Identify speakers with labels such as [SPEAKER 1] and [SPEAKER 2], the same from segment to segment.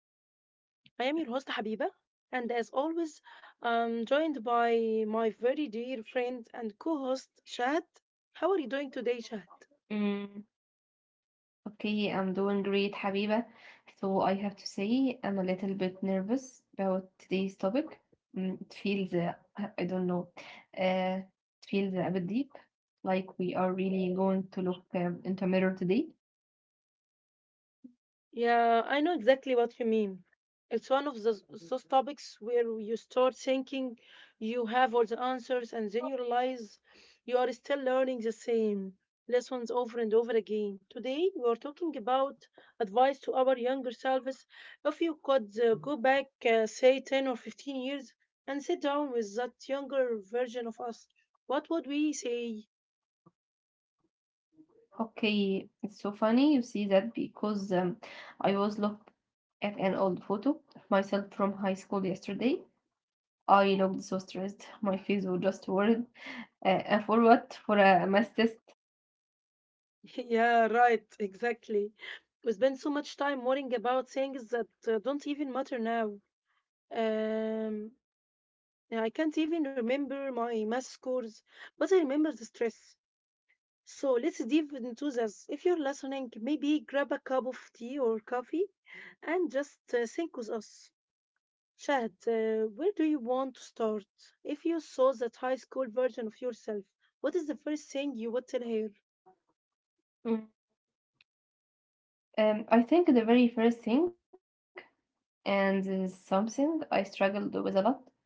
[SPEAKER 1] Room. I am your host Habiba, and as always, I'm joined by my very dear friend and co-host Shad. How are you doing today, Shad?
[SPEAKER 2] Mm, okay, I'm doing great, Habiba. So I have to say I'm a little bit nervous about today's topic. Mm, it feels, I don't know, it feels a bit deep, like we are really going to look into a mirror today.
[SPEAKER 1] Yeah, I know exactly what you mean. It's one of those topics where you start thinking you have all the answers, and then you realize you are still learning the same lessons over and over again. Today, we are talking about advice to our younger selves. If you could go back, say, 10 or 15 years, and sit down with that younger version of us, what would we say?
[SPEAKER 2] Okay, it's so funny you see that because I was look at an old photo of myself from high school yesterday. I looked so stressed. My face was just worried. And for what? For a math test.
[SPEAKER 1] Yeah, right, exactly. We spend so much time worrying about things that don't even matter now. Um, yeah, I can't even remember my math scores, but I remember the stress. So let's dive into this. If you're listening, maybe grab a cup of tea or coffee and just think with us. Shahad, where do you want to start? If you saw that high school version of yourself, what is the first thing you would tell her?
[SPEAKER 2] Mm. I think the very first thing, and this is something I struggled with a lot,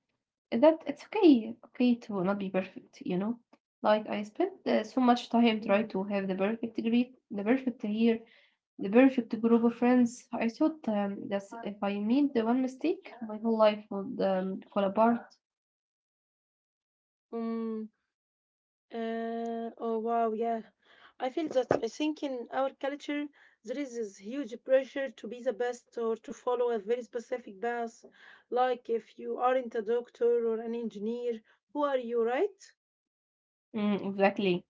[SPEAKER 2] is that it's okay to not be perfect, you know? Like, I spent so much time trying to have the perfect degree, the perfect year, the perfect group of friends. I thought that if I made the one mistake, my whole life would fall apart.
[SPEAKER 1] Yeah. Oh wow, yeah. I feel that. I think in our culture there is this huge pressure to be the best or to follow a very specific path. Like if you aren't a doctor or an engineer, who are you, right?
[SPEAKER 2] Mm, exactly.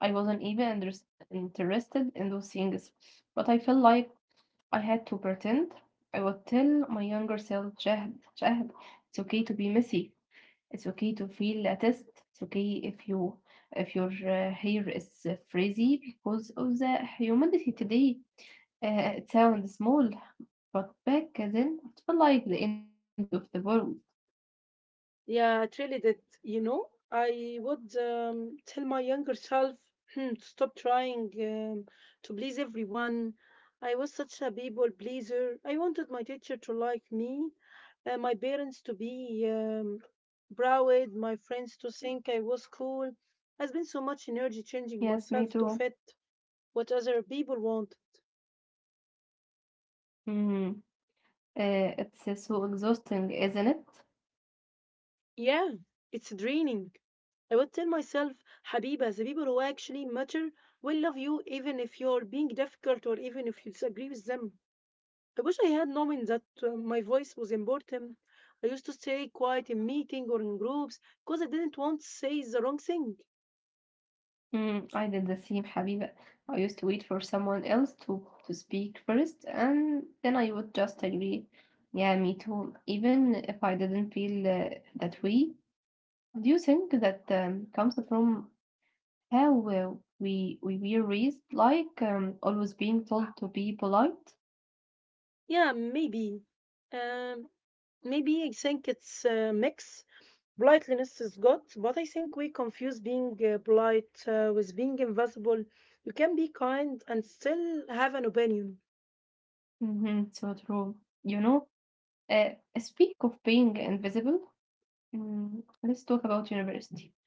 [SPEAKER 2] I wasn't even interested in those things, but I felt like I had to pretend. I would tell my younger self, Shahd, Shahd, it's okay to be messy. It's okay to feel a test. It's okay if you if your hair is frizzy because of the humidity today. It sounds small, but back then it felt like the end of the world.
[SPEAKER 1] Yeah, it really did. You know, I would tell my younger self to stop trying to please everyone. I was such a people pleaser. I wanted my teacher to like me, my parents to be proud, my friends to think I was cool. I spent so much energy
[SPEAKER 2] Yes,
[SPEAKER 1] changing
[SPEAKER 2] me too.
[SPEAKER 1] myself to fit what other people want.
[SPEAKER 2] Mm. It's so exhausting, isn't it?
[SPEAKER 1] Yeah, it's draining. I would tell myself, Habiba, the people who actually matter will love you even if you're being difficult or even if you disagree with them. I wish I had known that my voice was important. I used to stay quiet in meeting or in groups because I didn't want to say the wrong thing.
[SPEAKER 2] Mm, I did the same, Habiba. I used to wait for someone else to speak first, and then I would just agree. Yeah, me too. Even if I didn't feel that way. Do you think that comes from how we were raised, like always being told to be polite?
[SPEAKER 1] Yeah, maybe. Um, maybe I think it's a mix. Politeness is good, but I think we confuse being polite with being invisible. You can be kind and still have an opinion.
[SPEAKER 2] Hmm, so true. You know, uh, speak of being invisible. Mm, let's talk about university.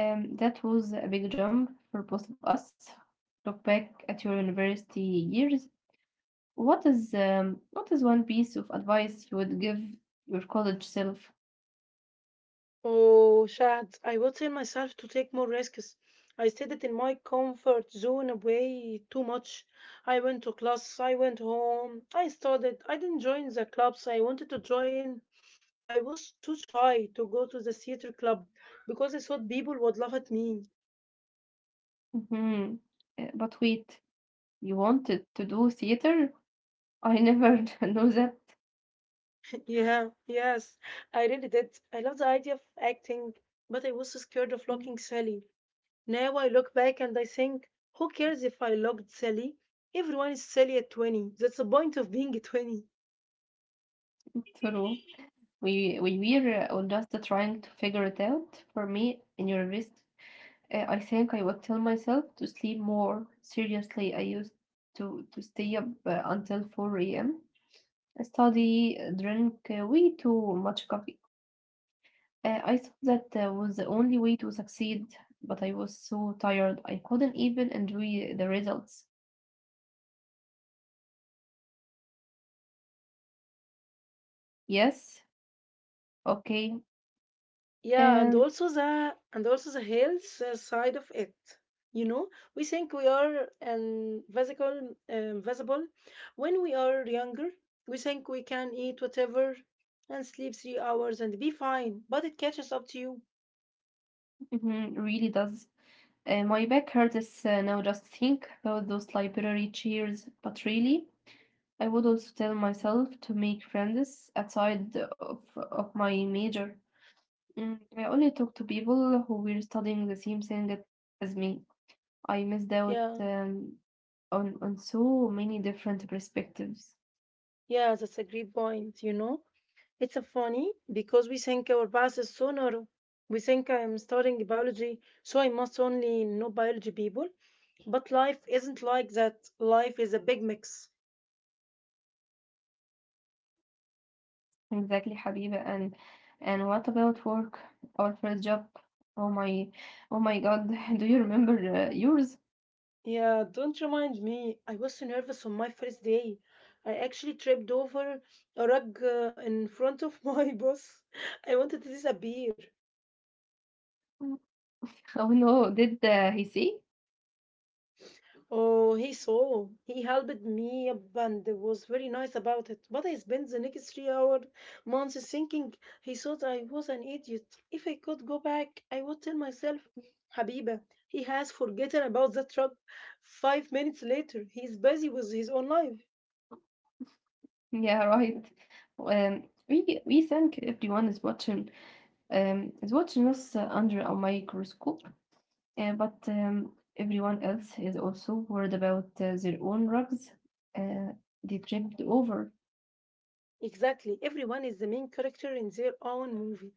[SPEAKER 2] That was a big jump for both of us. Look back at your university years. What is one piece of advice you would give your college self?
[SPEAKER 1] Oh, Shad, I would tell myself to take more risks. I stayed in my comfort zone way too much. I went to class, I went home, I studied, I didn't join the clubs I wanted to join. I was too shy to go to the theater club because I thought people would laugh at me.
[SPEAKER 2] Hmm, but wait, you wanted to do theater? I never knew that.
[SPEAKER 1] Yeah, yes, I really did. I love the idea of acting, but I was scared of looking silly. Now I look back and I think, who cares if I looked silly? Everyone is silly at 20. That's the point of being 20.
[SPEAKER 2] True. We were just trying to figure it out. For me, in your wrist, I think I would tell myself to sleep more. Seriously, I used to stay up until 4 a.m. study, drink way too much coffee. I thought that was the only way to succeed, but I was so tired I couldn't even enjoy the results. Yes, okay,
[SPEAKER 1] Yeah,
[SPEAKER 2] um,
[SPEAKER 1] and also the health side of it. You know, we think we are invisible when we are younger. We think we can eat whatever and sleep 3 hours and be fine, but it catches up to you.
[SPEAKER 2] mhm, really does. My back hurts now just think about those library chairs, but really, I would also tell myself to make friends outside of my major. Mm, I only talk to people who were studying the same thing as me. I missed out
[SPEAKER 1] Yeah,
[SPEAKER 2] on so many different perspectives.
[SPEAKER 1] yeah, that's a great point. You know, it's funny because we think our past is so narrow. We think I'm studying biology, so I must only know biology people. But life isn't like that. Life is a big mix.
[SPEAKER 2] Exactly, Habiba. And what about work? Our first job. Oh my, oh my God. Do you remember yours?
[SPEAKER 1] Yeah, don't remind me. I was so nervous on my first day. I actually tripped over a rug in front of my boss. I wanted to disappear.
[SPEAKER 2] Mm. Oh no, did he see?
[SPEAKER 1] Oh, he saw. He helped me up and was very nice about it. But I spent the next 3 hour months thinking he thought I was an idiot. If I could go back, I would tell myself, Habiba, he has forgotten about that truck. 5 minutes later, he's busy with his own life.
[SPEAKER 2] Yeah, right. Um, we think everyone is watching us under a microscope. But everyone else is also worried about their own rugs. Uh, they tripped over.
[SPEAKER 1] Exactly. Everyone is the main character in their own movie.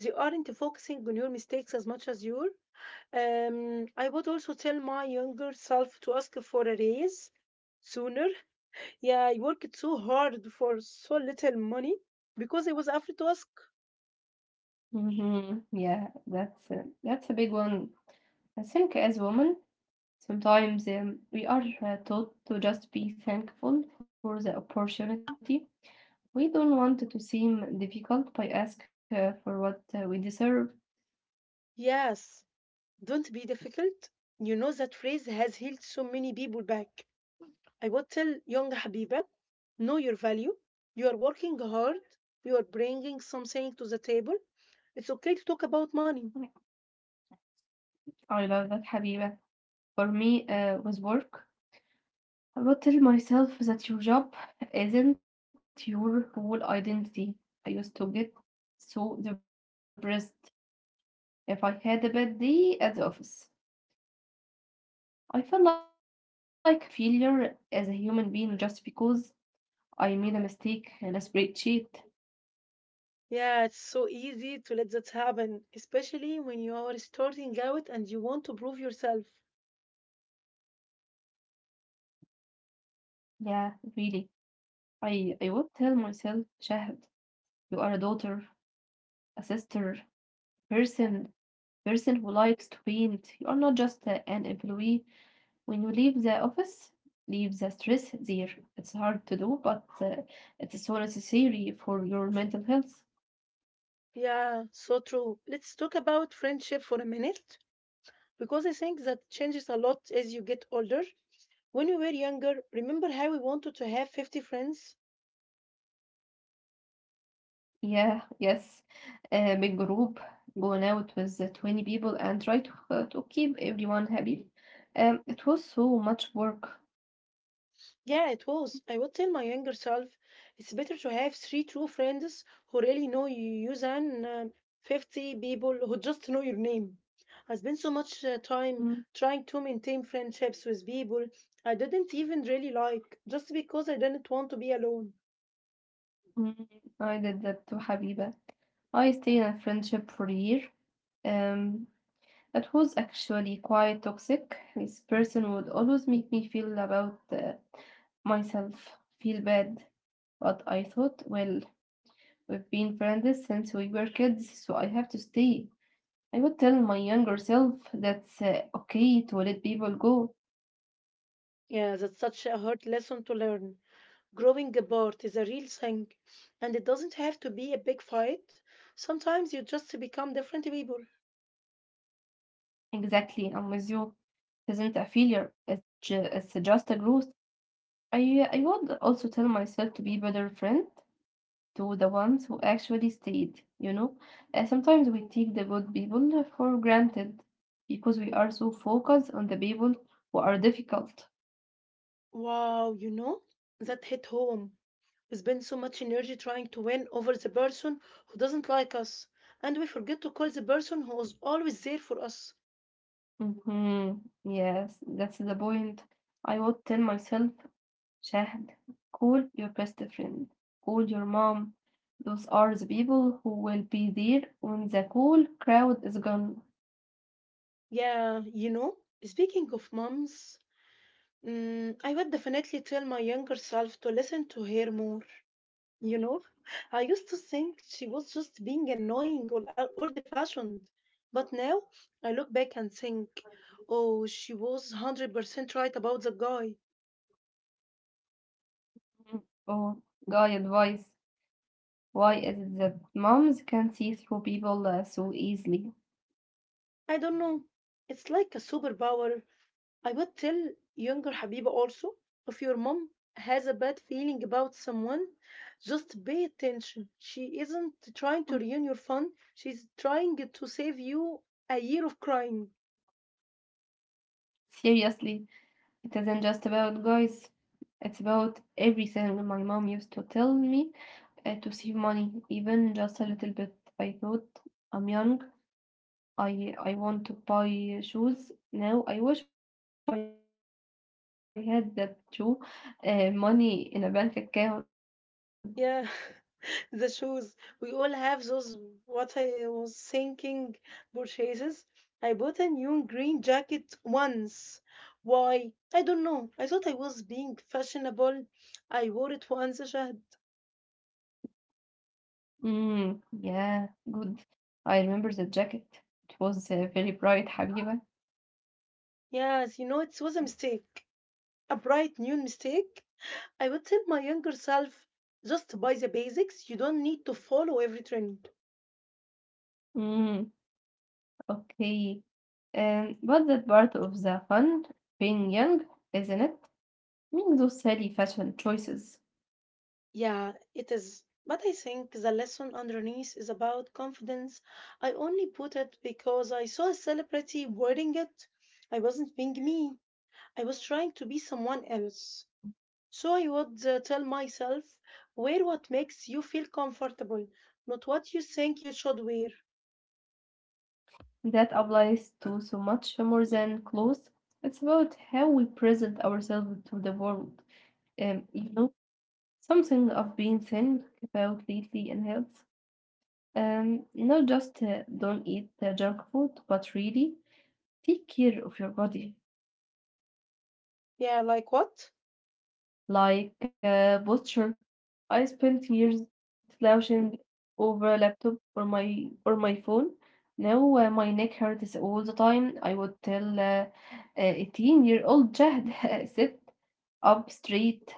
[SPEAKER 1] They aren't focusing on your mistakes as much as you are. I would also tell my younger self to ask for a raise sooner. Yeah, I worked so hard for so little money because I was afraid to ask.
[SPEAKER 2] Hmm, yeah, that's a big one. I think as women, sometimes we are taught to just be thankful for the opportunity. We don't want to seem difficult by ask for what we deserve.
[SPEAKER 1] Yes, don't be difficult. You know that phrase has healed so many people back. I would tell young Habiba, know your value. You are working hard. You are bringing something to the table. It's okay to talk about money.
[SPEAKER 2] I love that, Habiba. For me, with work, I will tell myself that your job isn't your whole identity. I used to get so depressed if I had a bad day at the office. I felt like a failure as a human being just because I made a mistake in a spreadsheet.
[SPEAKER 1] Yeah, it's so easy to let that happen, especially when you are starting out and you want to prove yourself.
[SPEAKER 2] Yeah, really. I would tell myself, Shahad, you are a daughter, a sister, person, person who likes to paint. You are not just an employee. When you leave the office, leave the stress there. It's hard to do, but it's so necessary for your mental health.
[SPEAKER 1] Yeah, so true. Let's talk about friendship for a minute, because I think that changes a lot as you get older. When we were younger, remember how we wanted to have 50 friends?
[SPEAKER 2] Yeah, yes. A big group, going out with the 20 people and try to keep everyone happy. It was so much work.
[SPEAKER 1] Yeah, it was. I would tell my younger self it's better to have three true friends who really know you than um 50 people who just know your name. I spent so much
[SPEAKER 2] Mm,
[SPEAKER 1] time trying to maintain friendships with people I didn't even really like just because I didn't want to be alone.
[SPEAKER 2] mm, I did that to Habiba. I stayed in a friendship for a year. Um, It was actually quite toxic. This person would always make me feel about myself, feel bad. But I thought, well, we've been friends since we were kids, so I have to stay. I would tell my younger self that's okay to let people go.
[SPEAKER 1] Yeah, that's such a hard lesson to learn. Growing apart is a real thing, and it doesn't have to be a big fight. Sometimes you just become different people.
[SPEAKER 2] Exactly, I'm with you. It isn't a failure, it's, it's just a growth. I would also tell myself to be better friend to the ones who actually stayed, you know? Sometimes we take the good people for granted because we are so focused on the people who are difficult.
[SPEAKER 1] Wow, you know, that hit home. We spend so much energy trying to win over the person who doesn't like us, and we forget to call the person who is always there for us.
[SPEAKER 2] Hmm, yes, that's the point. I would tell myself, Shahd, call your best friend, call your mom. Those are the people who will be there when the cool crowd is gone.
[SPEAKER 1] Yeah, you know, speaking of moms, I would definitely tell my younger self to listen to her more. You know, I used to think she was just being annoying or old fashioned. But now I look back and think, oh, she was 100% right about the guy.
[SPEAKER 2] Mm. Oh, guy advice. Why is it that moms can see through people so easily?
[SPEAKER 1] I don't know. It's like a superpower. I would tell younger Habiba also, if your mom has a bad feeling about someone, just pay attention. She isn't trying to
[SPEAKER 2] Mm.
[SPEAKER 1] ruin your fun, she's trying to save you a year of crying.
[SPEAKER 2] Seriously, it isn't just about guys. It's about everything. My mom used to tell me to save money, even just a little bit. I thought I'm young. I want to buy shoes now. I wish I had that too, money in a bank account.
[SPEAKER 1] Yeah, the shoes. We all have those what I was thinking purchases. I bought a new green jacket once. Why? I don't know. I thought I was being fashionable. I wore it once, Shahd.
[SPEAKER 2] Mm, yeah, good. I remember the jacket. It was very bright, Habiba.
[SPEAKER 1] Yes, you know, it was a mistake. A bright new mistake. I would tell my younger self, just buy the basics. You don't need to follow every trend.
[SPEAKER 2] Mm, okay. And but that part of the fun, being young, isn't it? Making those silly fashion choices.
[SPEAKER 1] Yeah, it is. But I think the lesson underneath is about confidence. I only put it because I saw a celebrity wearing it. I wasn't being me, I was trying to be someone else. So I would tell myself, wear what makes you feel comfortable, not what you think you should wear.
[SPEAKER 2] That applies to so much more than clothes. It's about how we present ourselves to the world. You know, something I've been thinking about lately and health. Not just don't eat junk food, but really take care of your body,
[SPEAKER 1] Yeah, like what?
[SPEAKER 2] like posture. I spent years slouching over a laptop or my phone. Now my neck hurts all the time. I would tell a 18-year-old Jahd, sit up straight.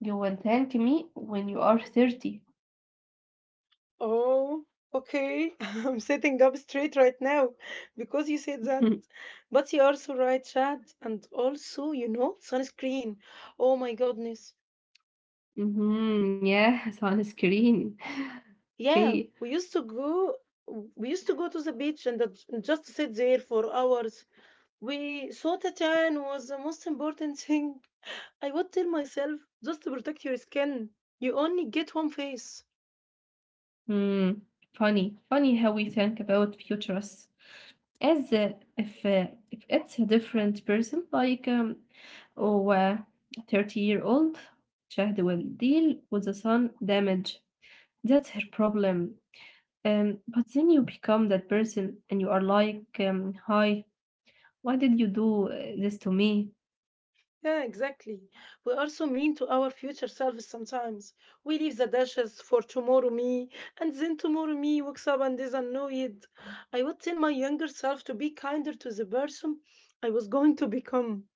[SPEAKER 2] You will thank me when you are 30.
[SPEAKER 1] Oh, okay. I'm sitting up straight right now because you said that. But you're so right, Chad. And also, you know, sunscreen. Oh my goodness.
[SPEAKER 2] Mm-hmm, yeah, sunscreen.
[SPEAKER 1] Yeah,
[SPEAKER 2] Okay.
[SPEAKER 1] we used to go to the beach and and just sit there for hours. We thought a tan was the most important thing. I would tell myself just to protect your skin. You only get one face.
[SPEAKER 2] Hmm. Funny, funny how we think about futures, as if it's a different person, like or a 30-year-old Shahd will deal with the sun damage. That's her problem. Um, but then you become that person and you are like, hi, why did you do this to me?
[SPEAKER 1] Yeah, exactly. We are so mean to our future selves sometimes. We leave the dishes for tomorrow me, and then tomorrow me wakes up and is annoyed. I would tell my younger self to be kinder to the person I was going to become.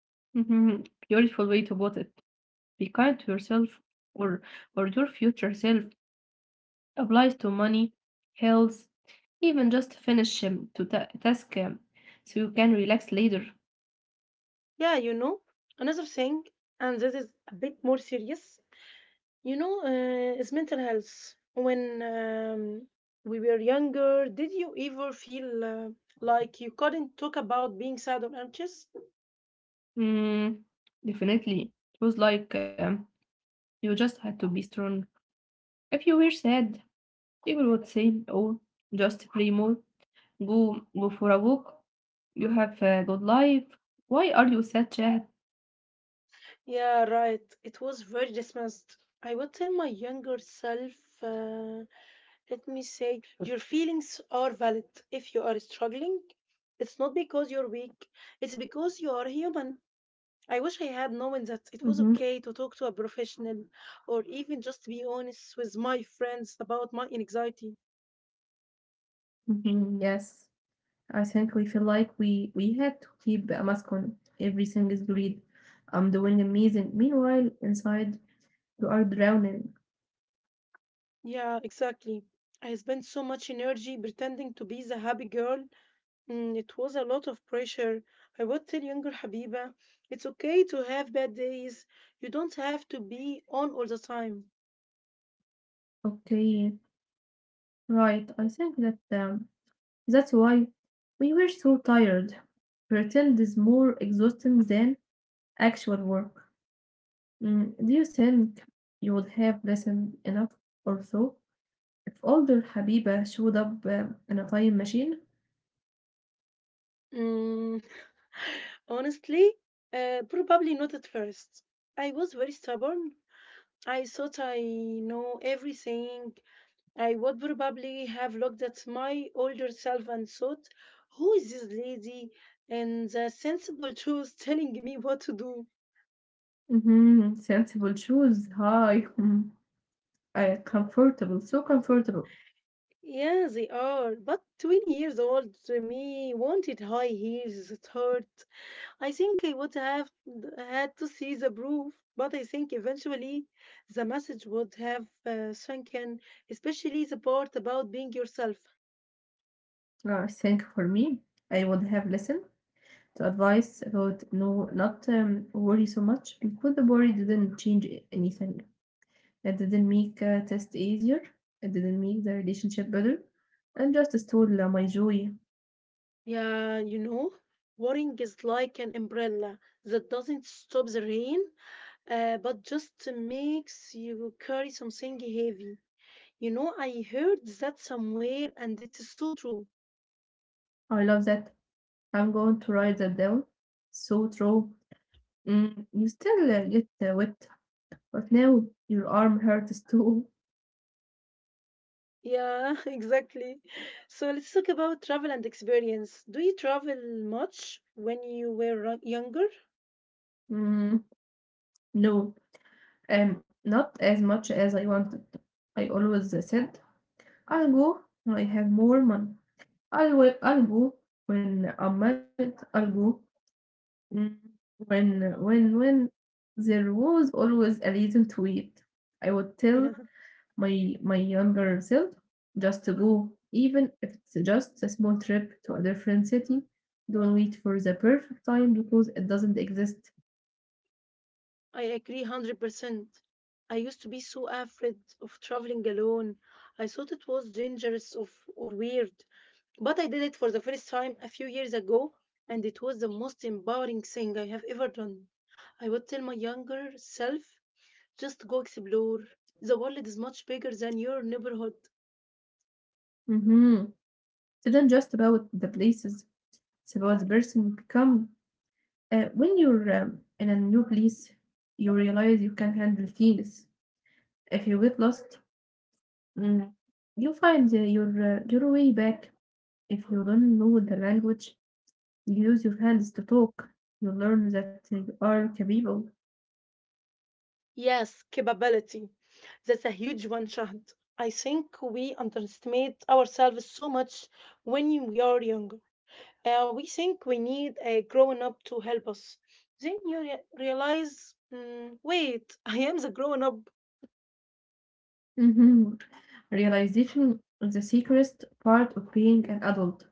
[SPEAKER 2] Mhm. Beautiful way to put it. Be kind to yourself, or or your future self. Applies to money, health, even just finish task, so you can relax later.
[SPEAKER 1] Yeah, you know, another thing, and this is a bit more serious, you know, is mental health. When we were younger, did you ever feel like you couldn't talk about being sad or anxious?
[SPEAKER 2] Mm, definitely. It was like you just had to be strong. If you were sad, people would say, "Oh, just pray more. Go for a walk. You have a good life. Why are you sad, Chad?"
[SPEAKER 1] Yeah, right. It was very dismissed. I would tell my younger self, uh, let me say, your feelings are valid. If you are struggling, it's not because you're weak, it's because you are human. I wish I had known that it was
[SPEAKER 2] Mm-hmm.
[SPEAKER 1] okay to talk to a professional or even just be honest with my friends about my anxiety.
[SPEAKER 2] Mm-hmm. Yes, I think we feel like we had to keep a mask on. Everything is great. I'm doing amazing. Meanwhile, inside you are drowning.
[SPEAKER 1] Yeah, exactly. I spent so much energy pretending to be the happy girl. Mm, it was a lot of pressure. I would tell younger Habiba, it's okay to have bad days. You don't have to be on all the time.
[SPEAKER 2] Okay, right. I think that that's why we were so tired. Pretend is more exhausting than actual work. Mm, do you think you would have listened enough or so if older Habiba showed up in a time machine?
[SPEAKER 1] Mm, honestly, probably not at first. I was very stubborn. I thought I know everything. I would probably have looked at my older self and thought, who is this lady? And the sensible truth telling me what to do.
[SPEAKER 2] Hmm, sensible shoes. Hi. Mm, comfortable. So comfortable.
[SPEAKER 1] Yeah, they are. But 20 years old to me wanted high heels. It hurt. I think I would have had to see the proof, but I think eventually the message would have sunk in, especially the part about being yourself.
[SPEAKER 2] I think for me, I would have listened to advice about no, not worry so much because the worry didn't change anything. That didn't make test easier. It didn't make the relationship better. And just stole my joy.
[SPEAKER 1] Yeah, you know, worrying is like an umbrella that doesn't stop the rain, but just makes you carry something heavy. You know, I heard that somewhere, and it is so true.
[SPEAKER 2] I love that. I'm going to write that down. So true. Mm, you still get wet, but now your arm hurts too.
[SPEAKER 1] Yeah, exactly. So let's talk about travel and experience. Do you travel much when you were younger?
[SPEAKER 2] Mm, no, not as much as I wanted. I always said, I'll go when I have more money. I'll go when I'm married. I'll go. Mm, When there was always a reason to wait, I would tell
[SPEAKER 1] Yeah,
[SPEAKER 2] my younger self just to go, even if it's just a small trip to a different city. Don't wait for the perfect time because it doesn't exist.
[SPEAKER 1] I agree 100%. I used to be so afraid of traveling alone. I thought it was dangerous or weird. But I did it for the first time a few years ago, and it was the most empowering thing I have ever done. I would tell my younger self just go explore. The world is much bigger than your neighborhood.
[SPEAKER 2] Mm-hmm. It isn't just about the places; it's about the person you become. When you're in a new place, you realize you can handle things. If you get lost, mm, you find uh, your your way back. If you don't know the language, use your hands to talk. You learn that you are capable.
[SPEAKER 1] Yes, capability. That's a huge one, Shahd. I think we underestimate ourselves so much when we are younger. We think we need a grown up to help us. Then you realize, wait, I am the grown up.
[SPEAKER 2] Mhm. Realization is the secret part of being an adult.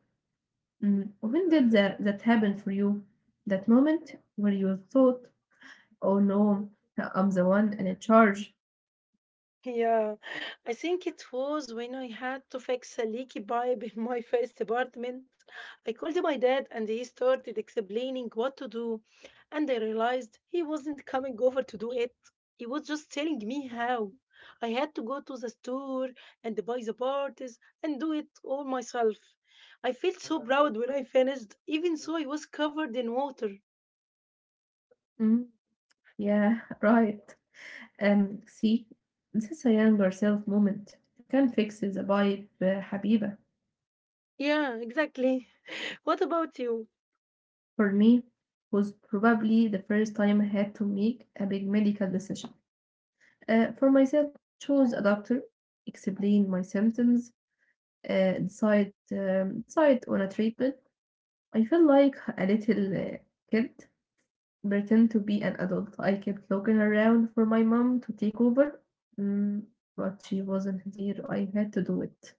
[SPEAKER 2] Mm, when did that happen for you? That moment where you thought, oh no, I'm the one and in charge.
[SPEAKER 1] Yeah, I think it was when I had to fix a leaky pipe in my first apartment. I called my dad and he started explaining what to do, and I realized he wasn't coming over to do it. He was just telling me how. I had to go to the store and buy the parts and do it all myself. I felt so proud when I finished, even though I was covered in water.
[SPEAKER 2] Mm, yeah, right. See, this is a younger self moment. You can fix the vibe, حبيبة.
[SPEAKER 1] Yeah, exactly. What about you?
[SPEAKER 2] For me was probably the first time I had to make a big medical decision. For myself, chose a doctor, explain my symptoms, decide on a treatment. I felt like a little kid pretend to be an adult. I kept looking around for my mom to take over, mm, but she wasn't there. I had to do it.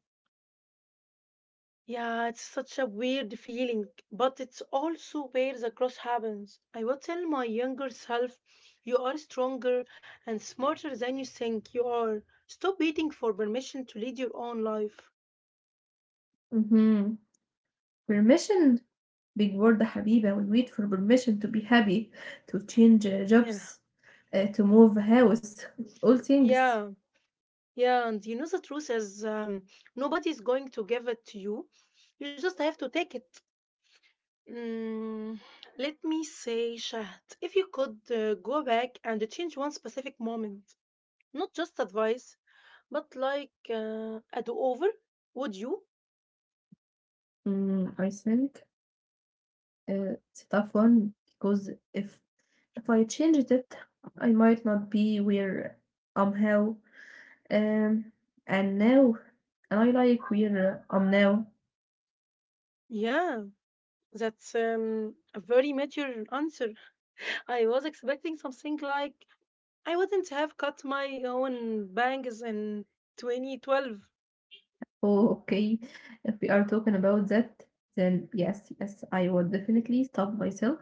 [SPEAKER 1] Yeah, it's such a weird feeling, but it's also where the cross happens. I would tell my younger self, you are stronger and smarter than you think you are. Stop waiting for permission to lead your own life.
[SPEAKER 2] Mhm. Permission, big word حبيبة, we wait for permission to be happy, to change
[SPEAKER 1] Yeah,
[SPEAKER 2] jobs, to move house, it's all things.
[SPEAKER 1] yeah, yeah. And the truth is, nobody's going to give it to you. You just have to take it. Mm, let me say, Shahd, if you could go back and change one specific moment, not just advice but like a do-over, would you?
[SPEAKER 2] I think it's a tough one because if I changed it, I might not be where I'm how, um, and now, and I like where I'm now.
[SPEAKER 1] Yeah, that's a very mature answer. I was expecting something like I wouldn't have cut my own bangs in 2012.
[SPEAKER 2] Oh, okay, if we are talking about that, then yes, yes, I would definitely stop myself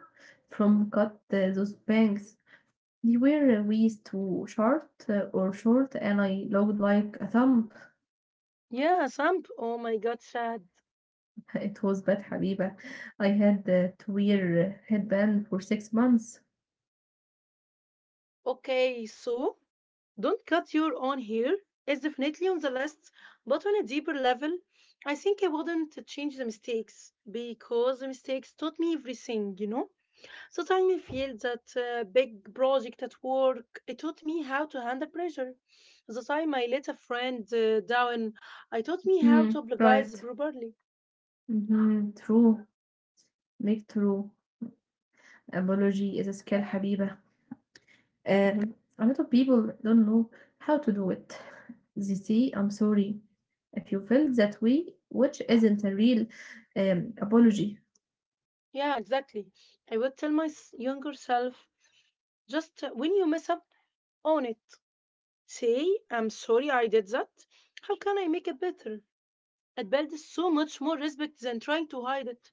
[SPEAKER 2] from cut those bangs. They were waist too short or short, and I looked like a thumb.
[SPEAKER 1] Yeah, Samp. Oh my god, sad.
[SPEAKER 2] It was bad, Habiba. I had to wear a headband for 6 months.
[SPEAKER 1] Okay, so don't cut your own hair. It's definitely on the list, but on a deeper level, I think I wouldn't change the mistakes because the mistakes taught me everything. So tiny feel that big project at work. It taught me how to handle pressure. The time I let a friend down, I taught me how
[SPEAKER 2] Mm,
[SPEAKER 1] to apologize
[SPEAKER 2] right.
[SPEAKER 1] properly.
[SPEAKER 2] Hmm, true. Make true. Apology is a skill, Habiba. A lot of people don't know how to do it. They say, "I'm sorry if you felt that way," which isn't a real apology.
[SPEAKER 1] Yeah, exactly. I would tell my younger self, just when you mess up, own it. Say, I'm sorry I did that. How can I make it better? It builds so much more respect than trying to hide it.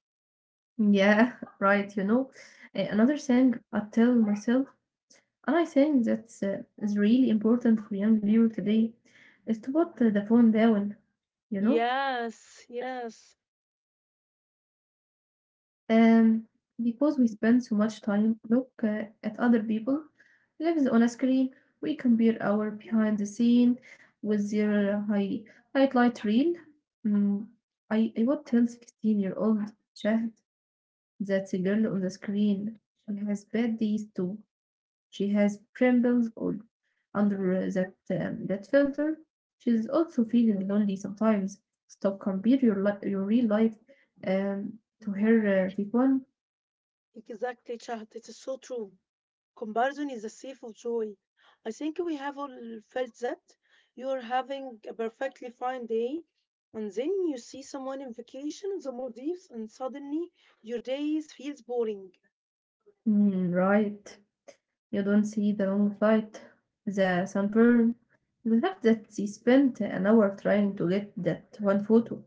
[SPEAKER 2] Yeah, right, Another thing I tell myself, and I think that's is really important for young people today, is to put the phone down, you know,
[SPEAKER 1] Yes, yes.
[SPEAKER 2] um, because we spend so much time look at other people lives on a screen. We compare our behind the scene with their highlight reel. Mm, I would tell 16 year old Shahd that the girl on the screen, she has bad days too. She has trembles all under that filter. She's also feeling lonely sometimes. Stop compare your real life um, to
[SPEAKER 1] Mm-hmm.
[SPEAKER 2] her fake one.
[SPEAKER 1] Exactly, Chahat. It is so true. Comparison is a thief of joy. I think we have all felt that. You're having a perfectly fine day, and then you see someone in vacation in the Maldives, and suddenly your days feels boring.
[SPEAKER 2] Mm, right. You don't see the long flight, the sunburn, the fact that she spent an hour trying to get that one photo.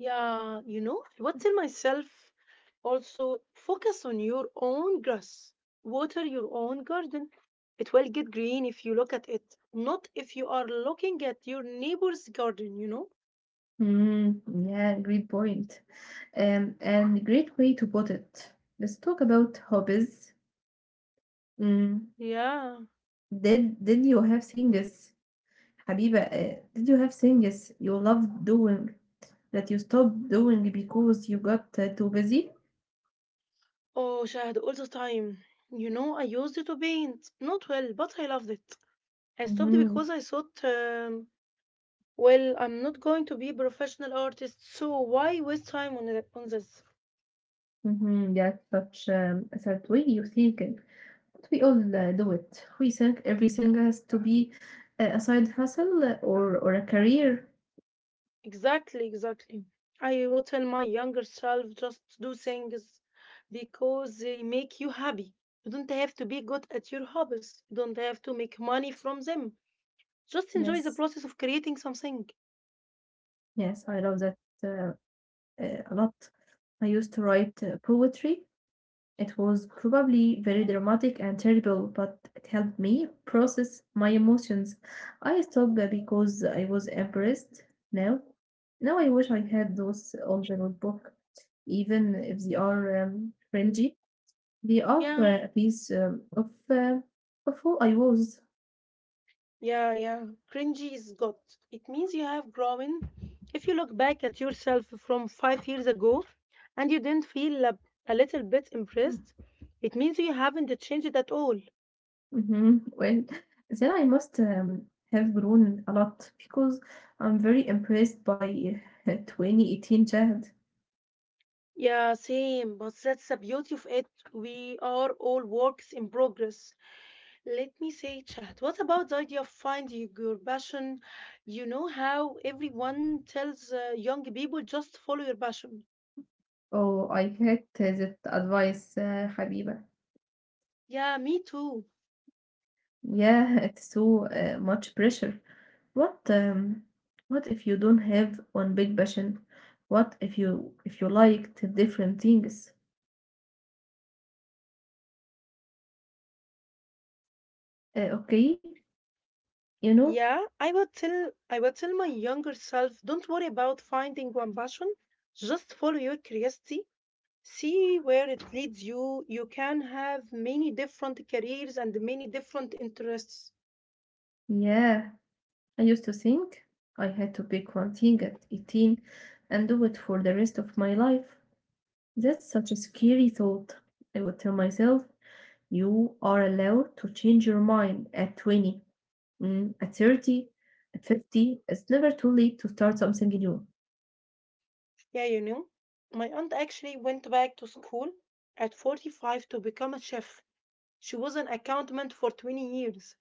[SPEAKER 1] Yeah, what tell myself also focus on your own grass. Water your own garden. It will get green if you look at it, not if you are looking at your neighbor's garden.
[SPEAKER 2] Mm, yeah, great point. And great way to put it. Let's talk about hobbies. Mm.
[SPEAKER 1] Yeah.
[SPEAKER 2] Did you have things حبيبة آآ did you have things you loved doing that you stopped doing because you got too busy?
[SPEAKER 1] Oh, Shahd, all the time. I used it to paint. Not well, but I loved it. I stopped
[SPEAKER 2] Mhm,
[SPEAKER 1] because I thought, well, I'm not going to be a professional artist, so why waste time on this?
[SPEAKER 2] mhm, that's such a certain way you think. But we all do it. We think everything has to be a side hustle or a career.
[SPEAKER 1] Exactly, exactly. I will tell my younger self just do things because they make you happy. You don't have to be good at your hobbies. You don't have to make money from them. Just enjoy the
[SPEAKER 2] Yes,
[SPEAKER 1] process of creating something.
[SPEAKER 2] yes, I love that uh, a lot. I used to write poetry. It was probably very dramatic and terrible, but it helped me process my emotions. I stopped because I was embarrassed. Now, now I wish I had those on the notebook, even if they are fringy. They are
[SPEAKER 1] Yeah,
[SPEAKER 2] a piece of who I was.
[SPEAKER 1] yeah. Cringy is good. It means you have grown. If you look back at yourself from 5 years ago and you didn't feel a little bit impressed, it means you haven't changed at all.
[SPEAKER 2] Hmm, well, then I must have grown a lot because I'm very impressed by 2018 Chad.
[SPEAKER 1] Yeah, same. But that's the beauty of it. We are all works in progress. Let me say, Chad, what about the idea of finding your passion? You know how everyone tells young people just follow your passion.
[SPEAKER 2] Oh, I hate that advice, Habiba.
[SPEAKER 1] Yeah, me too.
[SPEAKER 2] Yeah, it's so much pressure. What um, what if you don't have one big passion? What if you liked different things? Okay, you know?
[SPEAKER 1] Yeah, I would tell my younger self, don't worry about finding one passion. Just follow your curiosity. See where it leads you. You can have many different careers and many different interests.
[SPEAKER 2] Yeah, I used to think I had to pick one thing at 18 and do it for the rest of my life. That's such a scary thought. I would tell myself, you are allowed to change your mind at 20, mm, at 30, at 50. It's never too late to start something new.
[SPEAKER 1] Yeah, you know. My aunt actually went back to school at 45 to become a chef. She was an accountant for 20 years.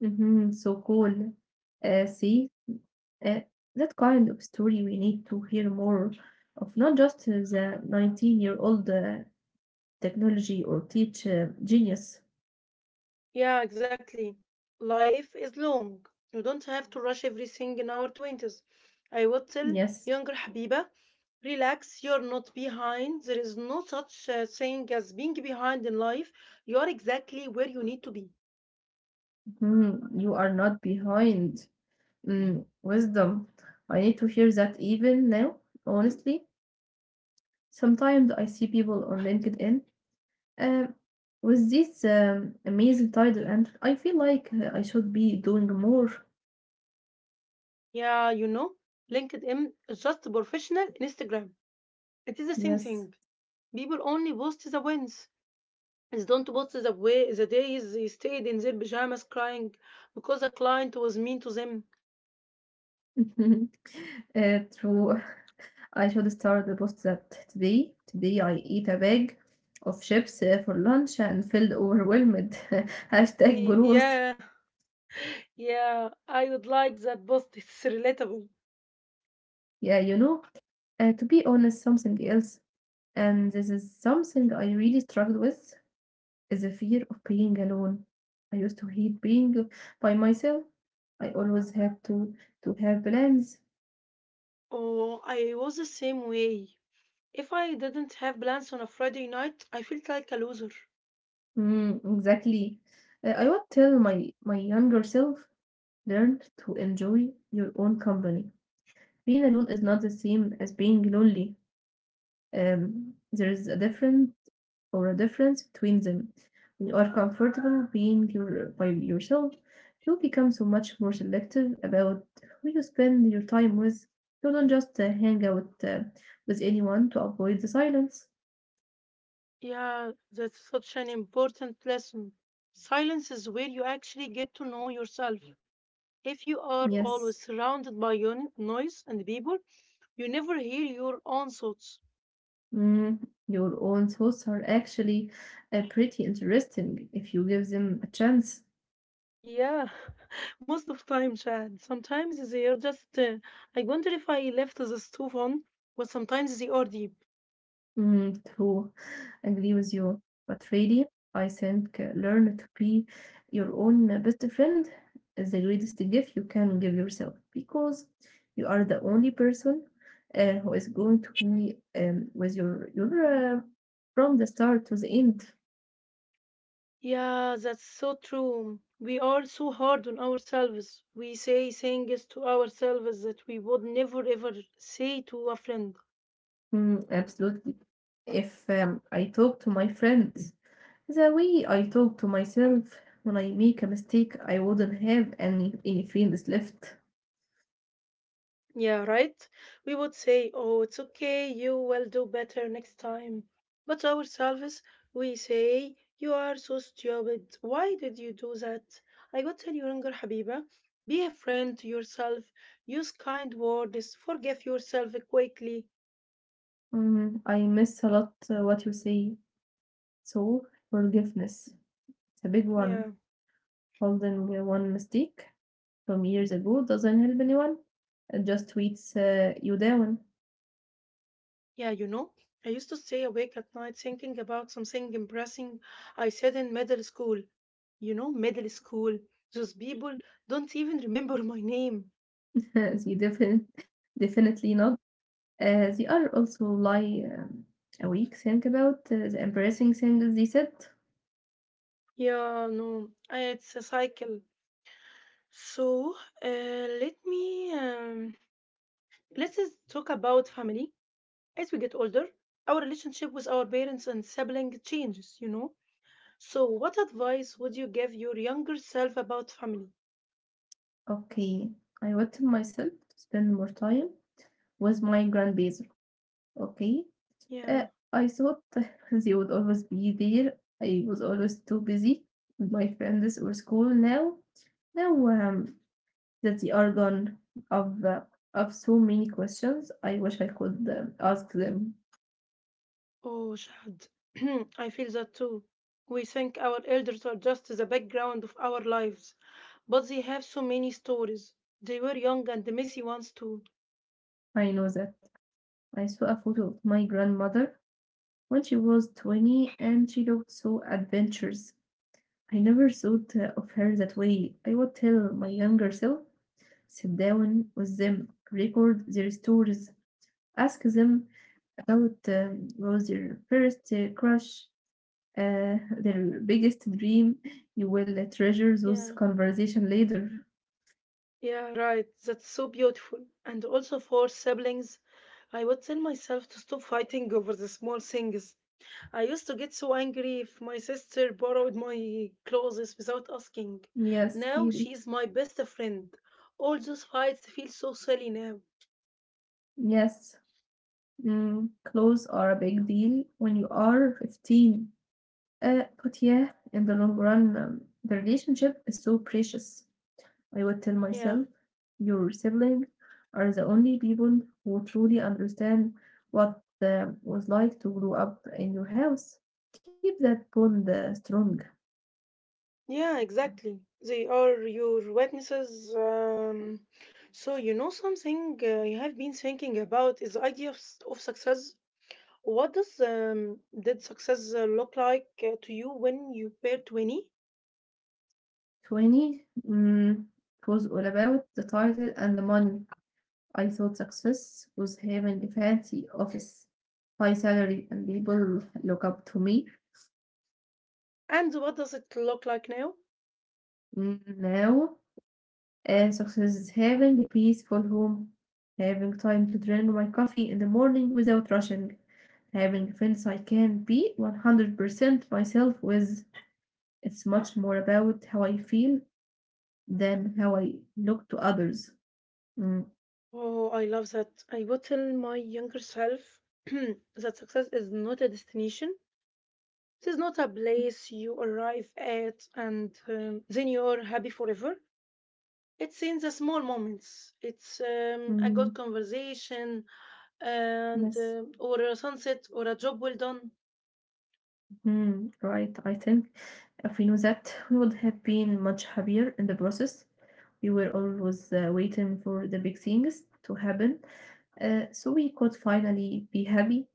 [SPEAKER 2] Hmm, so cool. Uh, see, uh, that kind of story we need to hear more of, not just the 19-year-old technology or teach genius.
[SPEAKER 1] Yeah, exactly. Life is long. You don't have to rush everything in our 20s. I would tell
[SPEAKER 2] Yes.
[SPEAKER 1] younger Habiba, relax, you're not behind. There is no such thing as being behind in life. You're exactly where you need to be.
[SPEAKER 2] Mhm. You are not behind. Mm, wisdom. I need to hear that even now, honestly. Sometimes I see people on LinkedIn Um, with this amazing title, and I feel like I should be doing more.
[SPEAKER 1] Yeah, LinkedIn is just a professional Instagram. It is the same
[SPEAKER 2] Yes,
[SPEAKER 1] thing. People only post the wins. They don't post the way the days they stayed in their pajamas crying because a client was mean to them.
[SPEAKER 2] uh, true. I should start the post that today. Today I eat a bag of chips for lunch and feel overwhelmed. Hashtag
[SPEAKER 1] He,
[SPEAKER 2] growth.
[SPEAKER 1] yeah, Yeah, I would like that post. It's relatable.
[SPEAKER 2] Yeah, you know. To be honest, something else, and this is something I really struggled with, is the fear of being alone. I used to hate being by myself. I always have to have plans.
[SPEAKER 1] Oh, I was the same way. If I didn't have plans on a Friday night, I felt like a loser.
[SPEAKER 2] Mm, exactly. I would tell my younger self, learn to enjoy your own company. Being alone is not the same as being lonely. There is a difference or a difference between them. When you are comfortable by yourself, you become so much more selective about who you spend your time with. You don't just hang out with anyone to avoid the silence.
[SPEAKER 1] Yeah, that's such an important lesson. Silence is where you actually get to know yourself. If you are
[SPEAKER 2] Yes,
[SPEAKER 1] always surrounded by noise and people, you never hear your own thoughts.
[SPEAKER 2] mm, your own thoughts are actually pretty interesting if you give them a chance.
[SPEAKER 1] Yeah, most of time, Chad. Sometimes they are just. I wonder if I left the stove on, but sometimes they are deep.
[SPEAKER 2] Mm, true. Agree with you. But really, I think learn to be your own best friend is the greatest gift you can give yourself, because you are the only person who is going to be with your uh, from the start to the end.
[SPEAKER 1] Yeah, that's so true. We are so hard on ourselves. We say things to ourselves that we would never ever say to a friend.
[SPEAKER 2] Mm, absolutely. If I talk to my friends the way I talk to myself when I make a mistake, I wouldn't have any friends left.
[SPEAKER 1] Yeah, right? We would say, oh, it's okay, you will do better next time. But to ourselves, we say, you are so stupid. Why did you do that? I would tell you, younger Habiba, be a friend to yourself. Use kind words. Forgive yourself quickly.
[SPEAKER 2] Mhm. I miss a lot what you say. So, forgiveness. It's a big one.
[SPEAKER 1] Yeah.
[SPEAKER 2] Holding one mistake from years ago doesn't help anyone. It just tweets you down.
[SPEAKER 1] Yeah, I used to stay awake at night thinking about something embarrassing I said in middle school. Middle school. Those people don't even remember my name.
[SPEAKER 2] they defin- Definitely not. They are also lie awake. Think about the embarrassing things they said.
[SPEAKER 1] Yeah, no, it's a cycle. So, uh, let me let's just talk about family. As we get older, our relationship with our parents and siblings changes. You know. So, what advice would you give your younger self about family?
[SPEAKER 2] Okay, I wanted myself to spend more time with my grandbabies. Okay. Uh,
[SPEAKER 1] Yeah.
[SPEAKER 2] I thought they would always be there. I was always too busy with my friends or school. Now that they are gone, of uh, of so many questions, I wish I could ask them.
[SPEAKER 1] Oh, Shahad, I feel that too. We think our elders are just the background of our lives, but they have so many stories. They were young and messy ones too.
[SPEAKER 2] I know that I saw a photo of my grandmother when she was 20, and she looked so adventurous. I never thought of her that way. I would tell my younger self, sit down with them, record their stories, ask them about was your first crush, their biggest dream. You will treasure those
[SPEAKER 1] Yeah,
[SPEAKER 2] conversation later.
[SPEAKER 1] yeah, right. That's so beautiful. And also for siblings, I would tell myself to stop fighting over the small things. I used to get so angry if my sister borrowed my clothes without asking.
[SPEAKER 2] Yes,
[SPEAKER 1] Now
[SPEAKER 2] really.
[SPEAKER 1] she's my best friend. All those fights feel so silly now.
[SPEAKER 2] Yes. Mm, clothes are a big deal when you are 15. But yeah, in the long run, the relationship is so precious. I would tell
[SPEAKER 1] Yeah.
[SPEAKER 2] myself, your siblings are the only people who truly understand what was like to grow up in your house. Keep that bond strong.
[SPEAKER 1] Yeah, exactly. They are your witnesses. So, something you have been thinking about is the idea of, of success. What does did success look like to you when you were 20?
[SPEAKER 2] 20. Mm, it was all about the title and the money. I thought success was having a fancy office, high salary, and people look up to me.
[SPEAKER 1] And what does it look like now?
[SPEAKER 2] Mm, Now Success is having a peaceful home, having time to drink my coffee in the morning without rushing, having friends I can be 100% myself with. It's much more about how I feel than how I look to others. Mm,
[SPEAKER 1] Oh, I love that. I would tell my younger self that success is not a destination. It is not a place you arrive at and then you're happy forever. It's in the small moments. It's a
[SPEAKER 2] mm,
[SPEAKER 1] good conversation,
[SPEAKER 2] yes,
[SPEAKER 1] and or a sunset, or a job well done.
[SPEAKER 2] mm, right. I think if we knew that, we would have been much happier in the process. We were always waiting for the big things to happen, so we could finally be happy.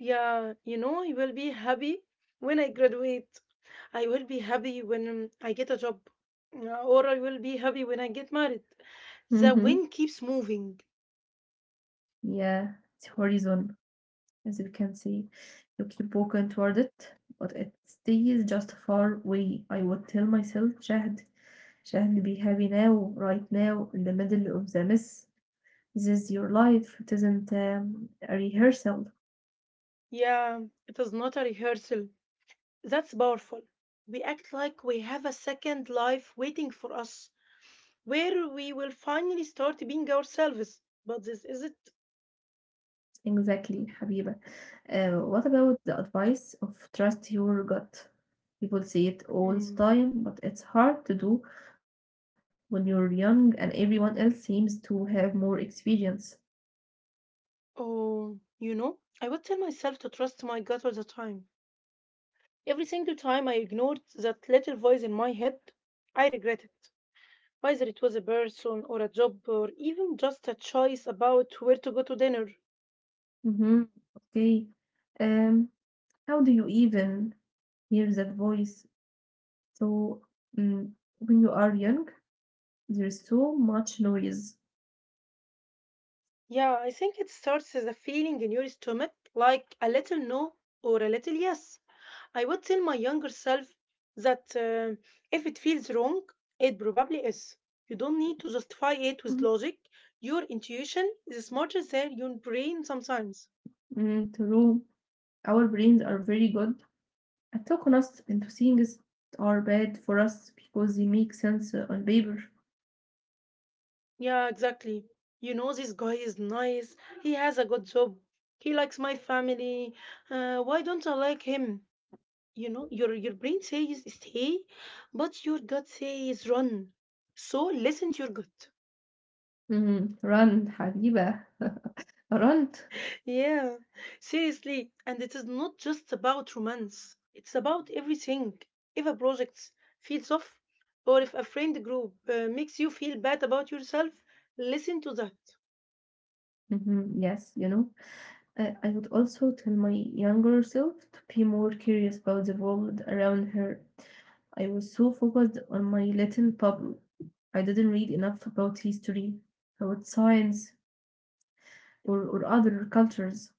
[SPEAKER 1] Yeah, I will be happy when I graduate. I will be happy when I get a job, or I will be happy when I get married. The
[SPEAKER 2] Mm-hmm.
[SPEAKER 1] wind keeps moving.
[SPEAKER 2] Yeah, it's horizon, as you can see. You keep walking toward it, but it stays just far away. I would tell myself, Shahd, be happy now, right now, in the middle of the mess. This is your life. It isn't a rehearsal.
[SPEAKER 1] Yeah, it is not a rehearsal. That's powerful. We act like we have a second life waiting for us, where we will finally start being ourselves. But this isn't.
[SPEAKER 2] Exactly, Habiba. What about the advice of trust your gut? People say it all the
[SPEAKER 1] Mm.
[SPEAKER 2] time, but it's hard to do when you're young and everyone else seems to have more experience.
[SPEAKER 1] Oh, I would tell myself to trust my gut all the time. Every single time I ignored that little voice in my head, I regret it. Whether it was a person or a job or even just a choice about where to go to dinner.
[SPEAKER 2] Mhm. Okay. Um, how do you even hear that voice? So, mm, when you are young, there's so much noise.
[SPEAKER 1] Yeah, I think it starts as a feeling in your stomach, like a little no or a little yes. I would tell my younger self that if it feels wrong, it probably is. You don't need to justify it with
[SPEAKER 2] Mhm.
[SPEAKER 1] logic. Your intuition is smarter than your brain sometimes.
[SPEAKER 2] Mm, true. Our brains are very good at talking us into things that are bad for us because they make sense on paper.
[SPEAKER 1] Yeah, exactly. You know, this guy is nice. He has a good job. He likes my family. Why don't I like him? You know, your brain says stay, but your gut says run. So listen to your gut.
[SPEAKER 2] Mhm. Run, Habiba. Run.
[SPEAKER 1] Yeah, seriously. And it is not just about romance, it's about everything. If a project feels off, or if a friend group makes you feel bad about yourself, listen to that.
[SPEAKER 2] Mhm. Yes, you know. I would also tell my younger self to be more curious about the world around her. I was so focused on my little bubble. I didn't read enough about history, about science, or other cultures.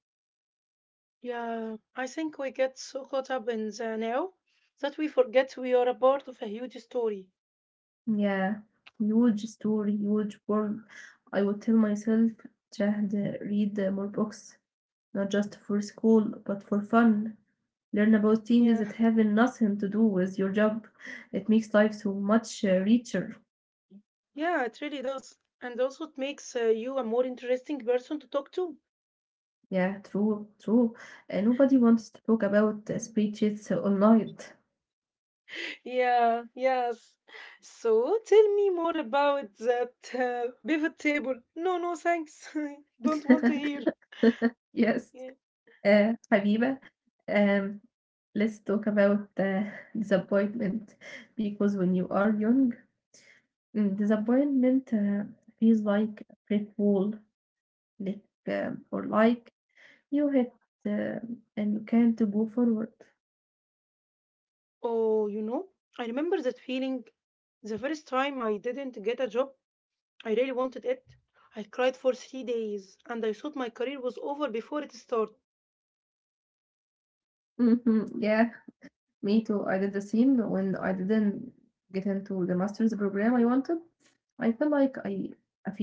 [SPEAKER 1] Yeah, I think we get so caught up in the now that we forget we are a part of a huge story.
[SPEAKER 2] Yeah, huge story, huge world. I would tell myself, just read more books, not just for school, but for fun. Learn about things
[SPEAKER 1] Yeah.
[SPEAKER 2] that have nothing to do with your job. It makes life so much richer.
[SPEAKER 1] Yeah, it really does. And also, it makes you a more interesting person to talk to.
[SPEAKER 2] Yeah, true, true. And nobody wants to talk about spreadsheets all night.
[SPEAKER 1] Yeah, yes. So, tell me more about that pivot table. No, no, thanks. Don't want to hear.
[SPEAKER 2] Yes,
[SPEAKER 1] Yeah.
[SPEAKER 2] Habiba, um, let's talk about disappointment, because when you are young, mm, disappointment feels like a brick wall, like or like you hit and you can't go forward.
[SPEAKER 1] Oh, I remember that feeling the first time I didn't get a job. I really wanted it. I cried for 3 days and I thought my career was over before it started.
[SPEAKER 2] Hmm, yeah, me too. I did the same when I didn't get into the master's program I wanted. I felt like I a failure.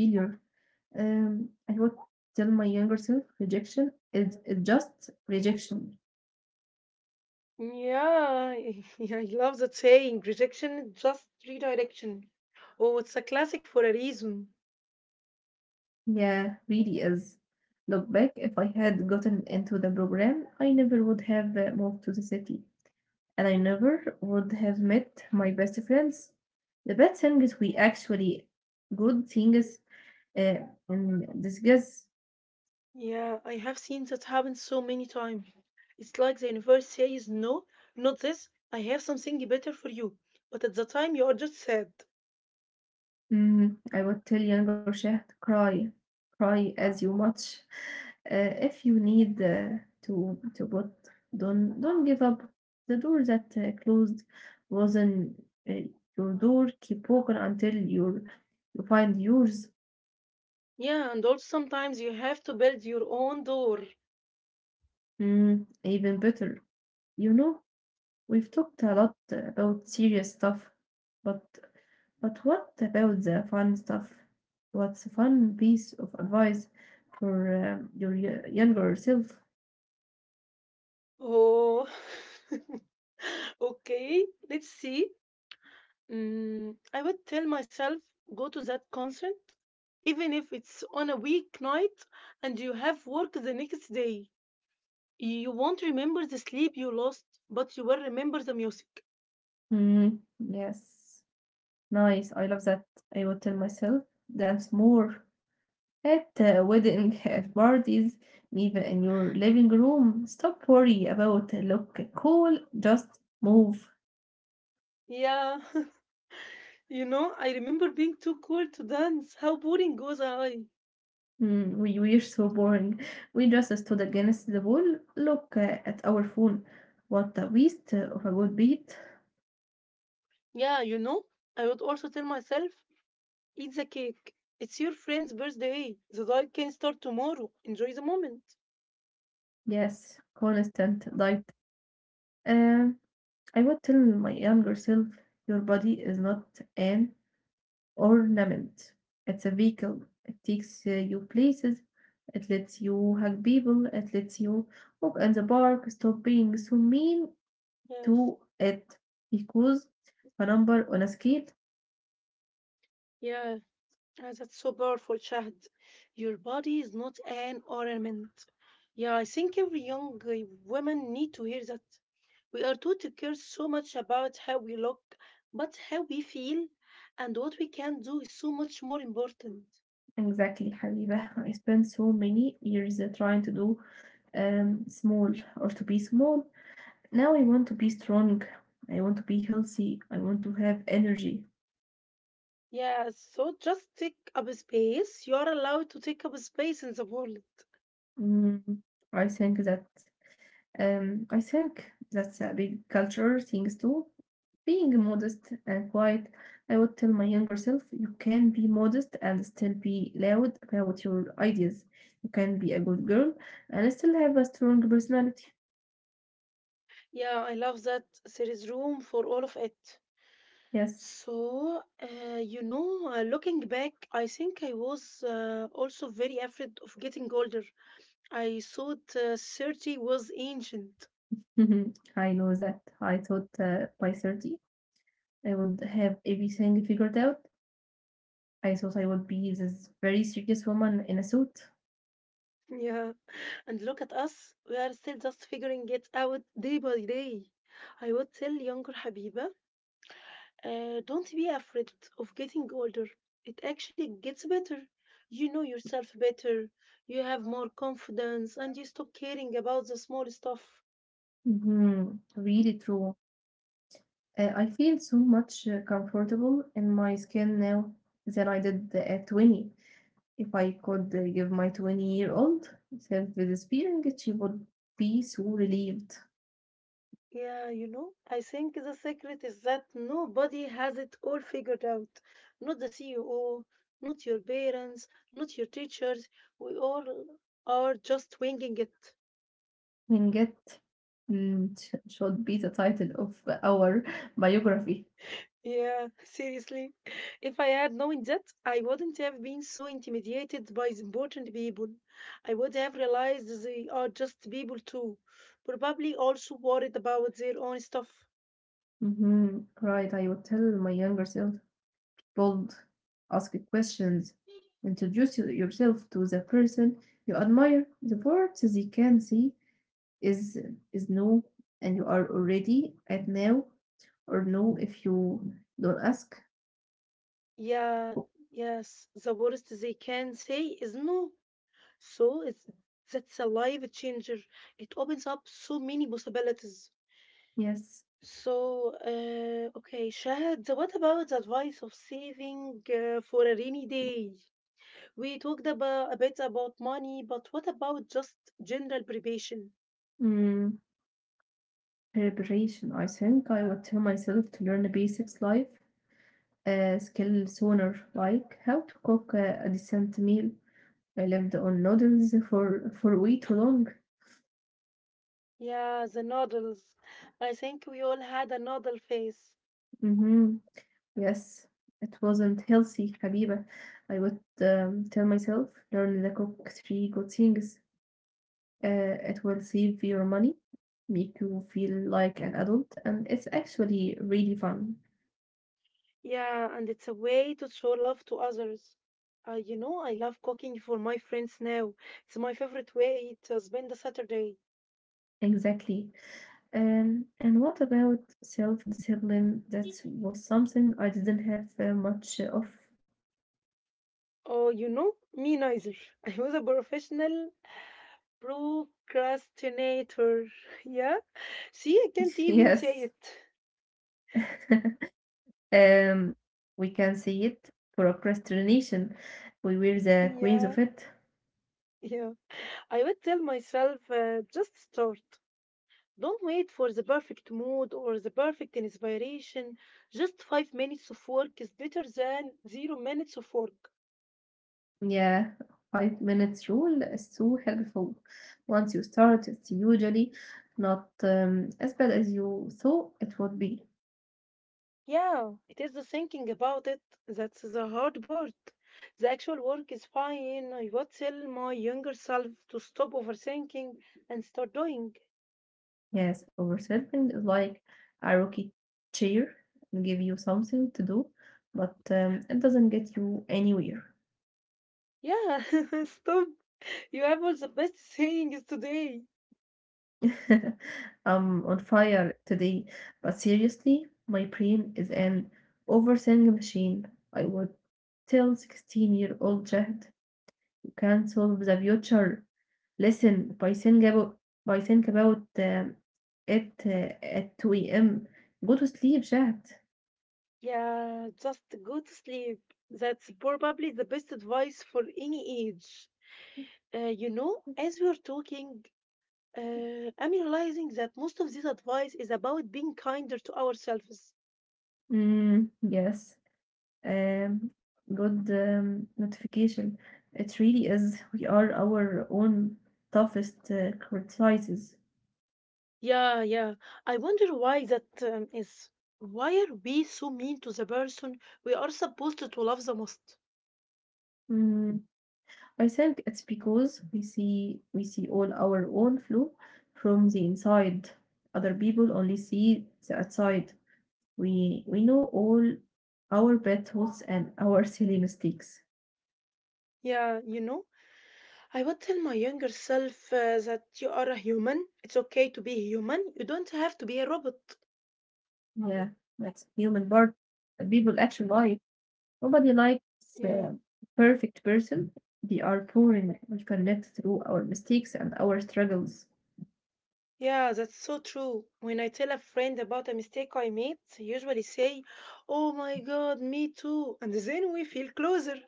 [SPEAKER 2] I would tell my younger self rejection is just rejection.
[SPEAKER 1] Yeah, yeah, I love that saying. Rejection is just redirection. Oh, it's a classic for a reason.
[SPEAKER 2] Yeah, really is. Look back, if I had gotten into the program, I never would have moved to the city, and I never would have met my best friends. The bad thing is we actually good things uh, in disguise.
[SPEAKER 1] Yeah, I have seen that happen so many times. It's like the universe says, no, not this. I have something better for you. But at the time, you are just sad.
[SPEAKER 2] I would tell younger Shah to cry, cry as you much. If you need to put, don't give up. The door that closed wasn't uh, your door. Keep walking until you find yours.
[SPEAKER 1] Yeah, and also sometimes you have to build your own door.
[SPEAKER 2] Mm, even better, you know. We've talked a lot about serious stuff, but but what about the fun stuff? What's a fun piece of advice for your younger self?
[SPEAKER 1] Oh, okay, let's see. I would tell myself go to that concert, even if it's on a weeknight and you have work the next day. You won't remember the sleep you lost, but you will remember the music.
[SPEAKER 2] Mm, yes, nice. I love that. I would tell myself dance more at wedding at parties, even in your living room. Stop worry about look cool. Just move.
[SPEAKER 1] Yeah, you know, I remember being too cool to dance. How boring was I?
[SPEAKER 2] Mm, we were so boring. We just stood against the wall, look at our phone. What a waste of a good beat.
[SPEAKER 1] Yeah, you know, I would also tell myself eat the cake. It's your friend's birthday. The diet can start tomorrow. Enjoy the moment.
[SPEAKER 2] Yes, constant diet. Uh, I would tell my younger self, your body is not an ornament. It's a vehicle. It takes you places. It lets you hug people. It lets you walk in the park. Stop being so mean
[SPEAKER 1] Yes.
[SPEAKER 2] to it because a number on a scale.
[SPEAKER 1] Yeah, ah, that's so powerful, Shahd. Your body is not an ornament. Yeah, I think every young woman need to hear that. We are taught to care so much about how we look, but how we feel and what we can do is so much more important.
[SPEAKER 2] Exactly, Habiba. I spent so many years trying to do small or to be small. Now I want to be strong. I want to be healthy. I want to have energy.
[SPEAKER 1] Yeah, so just take up space. You are allowed to take up space in the world.
[SPEAKER 2] Mm, I think that I think that's a big cultural things too. Being modest and quiet, I would tell my younger self, you can be modest and still be loud about your ideas. You can be a good girl and still have a strong personality.
[SPEAKER 1] Yeah, I love that there is room for all of it.
[SPEAKER 2] Yes.
[SPEAKER 1] So, you know, looking back, I think I was also very afraid of getting older. I thought 30 was ancient.
[SPEAKER 2] Mhm. I know that. I thought by 30 I would have everything figured out. I thought I would be this very serious woman in a suit.
[SPEAKER 1] Yeah. And look at us, we are still just figuring it out day by day. I would tell younger Habiba, don't be afraid of getting older. It actually gets better. You know yourself better, you have more confidence, and you stop caring about the small stuff.
[SPEAKER 2] Mhm. Really true. I feel so much comfortable in my skin now than I did at 20. If I could give my 20-year-old self this feeling, she would be so relieved.
[SPEAKER 1] Yeah, you know, I think the secret is that nobody has it all figured out. Not the CEO, not your parents, not your teachers. We all are just winging it.
[SPEAKER 2] Winget should be the title of our biography.
[SPEAKER 1] Yeah, seriously. If I had known that, I wouldn't have been so intimidated by the important people. I would have realized they are just people too, probably also worried about their own stuff.
[SPEAKER 2] Mhm. Right, I would tell my younger self, bold, ask questions, introduce yourself to the person you admire. The words they can see is is no, and you are already at now, or no if you don't ask.
[SPEAKER 1] Yeah, yes, the worst they can say is no. So it's that's a life changer. It opens up so many possibilities.
[SPEAKER 2] Yes.
[SPEAKER 1] So, okay, Shahad, what about the advice of saving for a rainy day? We talked about a bit about money, but what about just general preparation?
[SPEAKER 2] Mm, preparation. I think I would tell myself to learn the basics life skill sooner, like how to cook a decent meal. I lived on noodles for way too long.
[SPEAKER 1] Yeah, the noodles. I think we all had a noodle phase.
[SPEAKER 2] Mhm. Yes, it wasn't healthy, Habiba. I would tell myself, learn the cook 3 good things. It will save your money, make you feel like an adult, and it's actually really fun.
[SPEAKER 1] Yeah, and it's a way to show love to others. You know, I love cooking for my friends now. It's my favorite way to spend a Saturday.
[SPEAKER 2] Exactly. And what about self-discipline? That was something I didn't have much of.
[SPEAKER 1] Oh, you know, me neither. I was a professional procrastinator. Yeah. See, I can't even
[SPEAKER 2] Yes.
[SPEAKER 1] say it.
[SPEAKER 2] Um, we can see it. Procrastination. We were the queens
[SPEAKER 1] Yeah.
[SPEAKER 2] of it.
[SPEAKER 1] Yeah. I would tell myself, just start. Don't wait for the perfect mood or the perfect inspiration. Just 5 minutes of work is better than 0 minutes of work.
[SPEAKER 2] Yeah, 5 minutes rule is so helpful. Once you start, it's usually not as bad as you thought it would be.
[SPEAKER 1] Yeah, it is the thinking about it that's the hard part. The actual work is fine. I would tell my younger self to stop overthinking and start doing.
[SPEAKER 2] Yes, oversleeping is like a rocket chair and give you something to do, but it doesn't get you anywhere.
[SPEAKER 1] Yeah, stop. You have all the best sayings today.
[SPEAKER 2] I'm on fire today, but seriously, my brain is an overthinking machine. I would tell 16-year-old Jack. Can solve the future. Listen, if I think about it at 2 a.m. Go to sleep, Shahd.
[SPEAKER 1] Yeah, just go to sleep. That's probably the best advice for any age. You know, as we are talking, I'm realizing that most of this advice is about being kinder to ourselves.
[SPEAKER 2] Mm, yes. Good notification. It really is. We are our own toughest criticizes.
[SPEAKER 1] Yeah, yeah. I wonder why that is. Why are we so mean to the person we are supposed to love the most?
[SPEAKER 2] Mm, I think it's because we see all our own flaw from the inside. Other people only see the outside. We know all our bad thoughts and our silly mistakes.
[SPEAKER 1] Yeah, you know, I would tell my younger self that you are a human. It's okay to be human. You don't have to be a robot.
[SPEAKER 2] Yeah, that's human part. People actually like. Nobody likes
[SPEAKER 1] Yeah.
[SPEAKER 2] the perfect person. They are poor and we connect through our mistakes and our struggles.
[SPEAKER 1] Yeah, that's so true. When I tell a friend about a mistake I made, they usually say, "Oh my god, me too." And then we feel closer.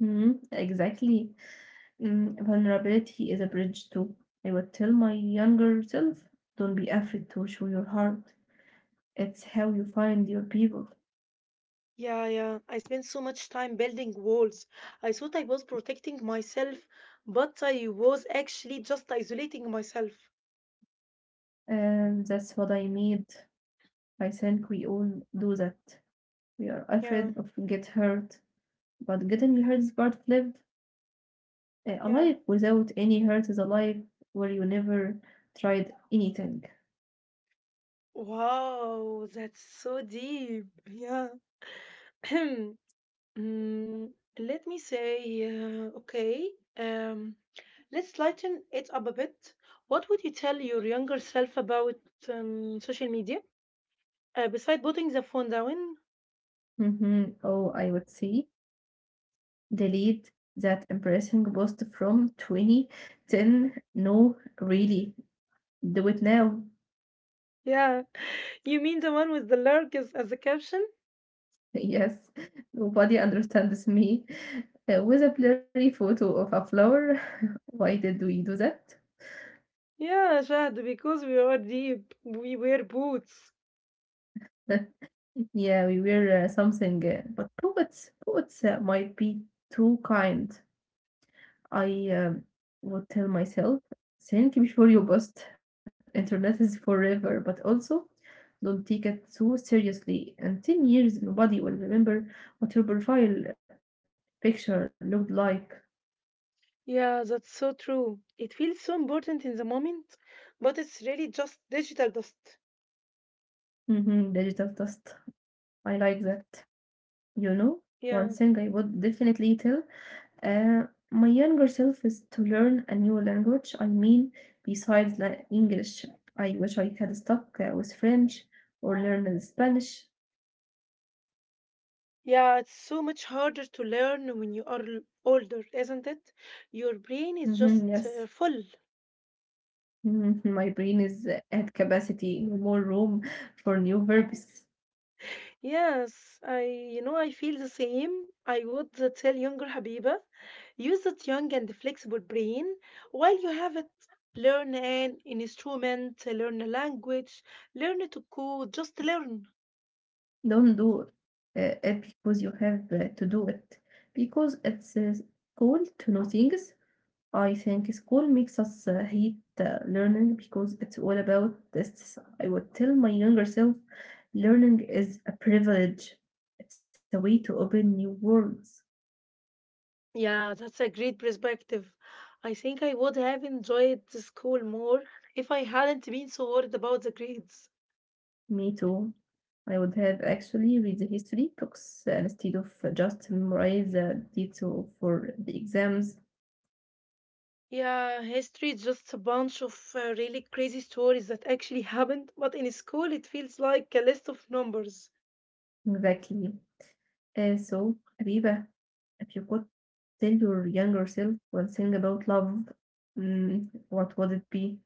[SPEAKER 2] Hmm, exactly. Mm, vulnerability is a bridge too. I would tell my younger self, don't be afraid to show your heart. It's how you find your people.
[SPEAKER 1] Yeah, yeah. I spent so much time building walls. I thought I was protecting myself, but I was actually just isolating myself.
[SPEAKER 2] And that's what I need. I think we all do that. We are
[SPEAKER 1] Yeah,
[SPEAKER 2] afraid of get hurt, but getting hurt is part of life. A
[SPEAKER 1] yeah.
[SPEAKER 2] life without any hurt is a life where you never tried anything.
[SPEAKER 1] Wow, that's so deep. Yeah. Mm, let me say, okay. Um, let's lighten it up a bit. What would you tell your younger self about social media? Beside putting the phone down?
[SPEAKER 2] Hmm. Oh, I would say delete that embarrassing post from 2010. No, really, do it now.
[SPEAKER 1] Yeah, you mean the one with the lurk as the caption?
[SPEAKER 2] Yes, nobody understands me. With a blurry photo of a flower. Why did we do that?
[SPEAKER 1] Yeah, Shahd, because we are deep, we wear boots.
[SPEAKER 2] Yeah, we were something, but poets, poets might be too kind. I would tell myself, think before you post. Internet is forever, but also don't take it too seriously. In 10 years, nobody will remember what your profile picture looked like.
[SPEAKER 1] Yeah, that's so true. It feels so important in the moment, but it's really just digital dust.
[SPEAKER 2] Hmm, digital dust. I like that. You know, one
[SPEAKER 1] Yeah.
[SPEAKER 2] thing I would definitely tell uh, my younger self is to learn a new language. I mean, besides English, I wish I had stuck with French or learned Spanish.
[SPEAKER 1] Yeah, it's so much harder to learn when you are older, isn't it? Your brain is
[SPEAKER 2] Hmm,
[SPEAKER 1] just
[SPEAKER 2] yes,
[SPEAKER 1] full.
[SPEAKER 2] mhm, my brain is at capacity, no more room for new verbs.
[SPEAKER 1] Yes, I you know I feel the same. I would tell younger Habiba, use that young and flexible brain while you have it. Learn an instrument, learn a language, learn to code, just learn.
[SPEAKER 2] Don't do it because you have to do it, because it's cool to know things. I think school makes us hate learning because it's all about tests. I would tell my younger self, learning is a privilege. It's a way to open new worlds.
[SPEAKER 1] Yeah, that's a great perspective. I think I would have enjoyed the school more if I hadn't been so worried about the grades.
[SPEAKER 2] Me too. I would have actually read the history books instead of just memorize the detail for the exams.
[SPEAKER 1] Yeah, history is just a bunch of really crazy stories that actually happened, but in school it feels like a list of numbers.
[SPEAKER 2] Exactly. So, Habiba, if you could tell your younger self one thing about love, mm, what would it be?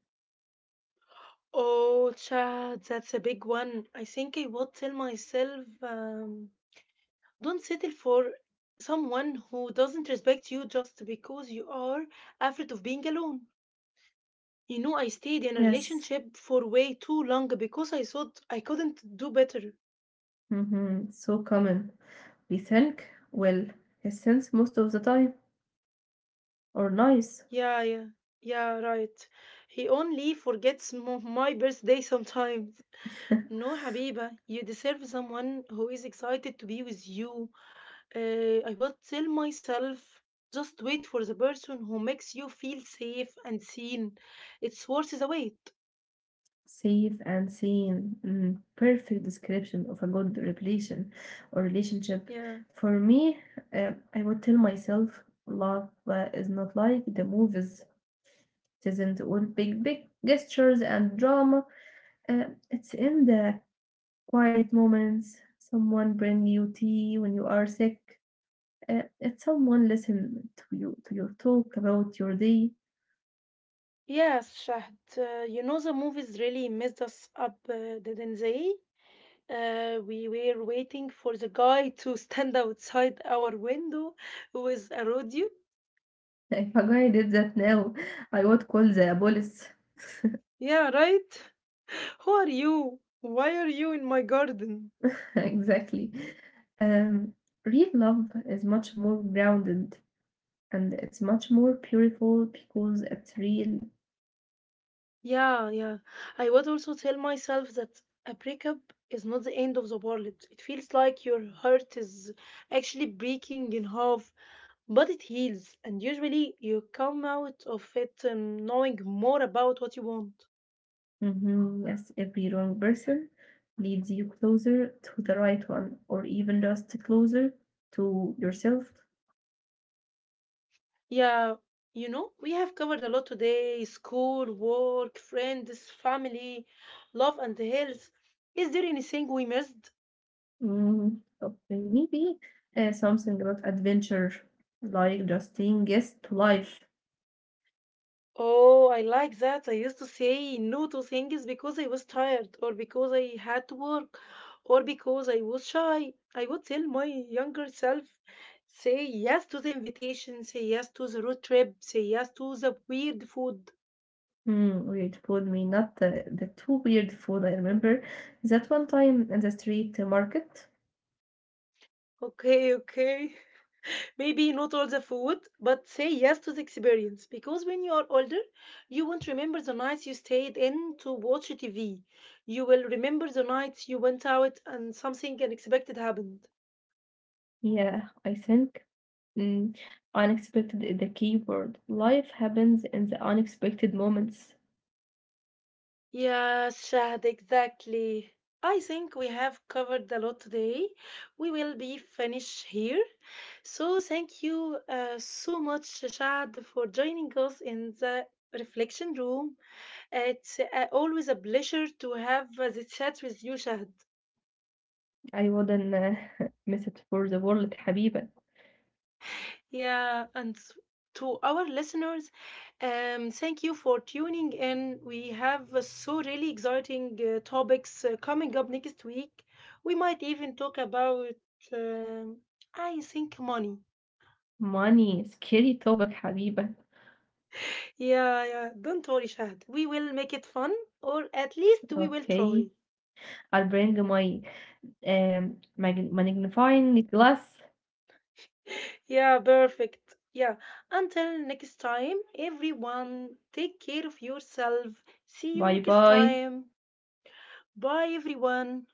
[SPEAKER 1] Oh, child, that's a big one. I think I would tell myself, don't settle for someone who doesn't respect you just because you are afraid of being alone. You know, I stayed in a
[SPEAKER 2] Yes.
[SPEAKER 1] relationship for way too long because I thought I couldn't do better.
[SPEAKER 2] Mhm, so common. We think, well, his sense most of the time, or nice.
[SPEAKER 1] Yeah, yeah, yeah, right. He only forgets my birthday sometimes. No, Habiba, you deserve someone who is excited to be with you. I will tell myself just wait for the person who makes you feel safe and seen. It's worth the wait.
[SPEAKER 2] Safe and seen. Mm, perfect description of a good relation or relationship.
[SPEAKER 1] Yeah.
[SPEAKER 2] For me, I would tell myself love is not like the movies. It isn't all big, big gestures and drama. Uh, it's in the quiet moments. Someone bring you tea when you are sick. If someone listened to you to your talk about your day,
[SPEAKER 1] Yes, Shahd. You know, the movies really messed us up, didn't they? We were waiting for the guy to stand outside our window with a rodeo.
[SPEAKER 2] if a guy did that now, I would call the police.
[SPEAKER 1] Yeah, right? Who are you? Why are you in my garden?
[SPEAKER 2] Exactly. Um, real love is much more grounded and it's much more beautiful because it's real.
[SPEAKER 1] Yeah, yeah. I would also tell myself that a breakup is not the end of the world. It feels like your heart is actually breaking in half, but it heals, and usually you come out of it knowing more about what you want.
[SPEAKER 2] Mm-hmm. Yes, every wrong person leads you closer to the right one, or even just closer to yourself.
[SPEAKER 1] Yeah, you know, we have covered a lot today school, work, friends, family, love, and health. Is there anything we missed?
[SPEAKER 2] Mm, okay, maybe something about adventure, like just saying yes to life.
[SPEAKER 1] Oh, I like that. I used to say no to things because I was tired, or because I had to work, or because I was shy. I would tell my younger self, say yes to the invitation, say yes to the road trip, say yes to the weird food.
[SPEAKER 2] Hmm, weird food, me not the too weird food. I remember that one time in the street market.
[SPEAKER 1] Okay, okay. Maybe not all the food, but say yes to the experience. Because when you are older, you won't remember the nights you stayed in to watch TV. You will remember the nights you went out and something unexpected happened.
[SPEAKER 2] Yeah, I think. Mm, unexpected is the key word. Life happens in the unexpected moments.
[SPEAKER 1] Yeah, Shahd, exactly. I think we have covered a lot today. We will be finished here. So thank you so much, Shahd, for joining us in the reflection room. It's always a pleasure to have the chat with you, Shahd.
[SPEAKER 2] I wouldn't miss it for the world, حبيبة.
[SPEAKER 1] Yeah, and to our listeners, thank you for tuning in. We have so really exciting topics coming up next week. We might even talk about, um, I think, money.
[SPEAKER 2] Money, scary topic, حبيبة.
[SPEAKER 1] Yeah, yeah. Don't worry, Shahad. We will make it fun, or at least we will
[SPEAKER 2] Okay,
[SPEAKER 1] try.
[SPEAKER 2] I'll bring my magnifying glass.
[SPEAKER 1] Yeah, perfect. Yeah. Until next time, everyone, take care of yourself. See you
[SPEAKER 2] Bye
[SPEAKER 1] next
[SPEAKER 2] bye.
[SPEAKER 1] time. Bye, everyone.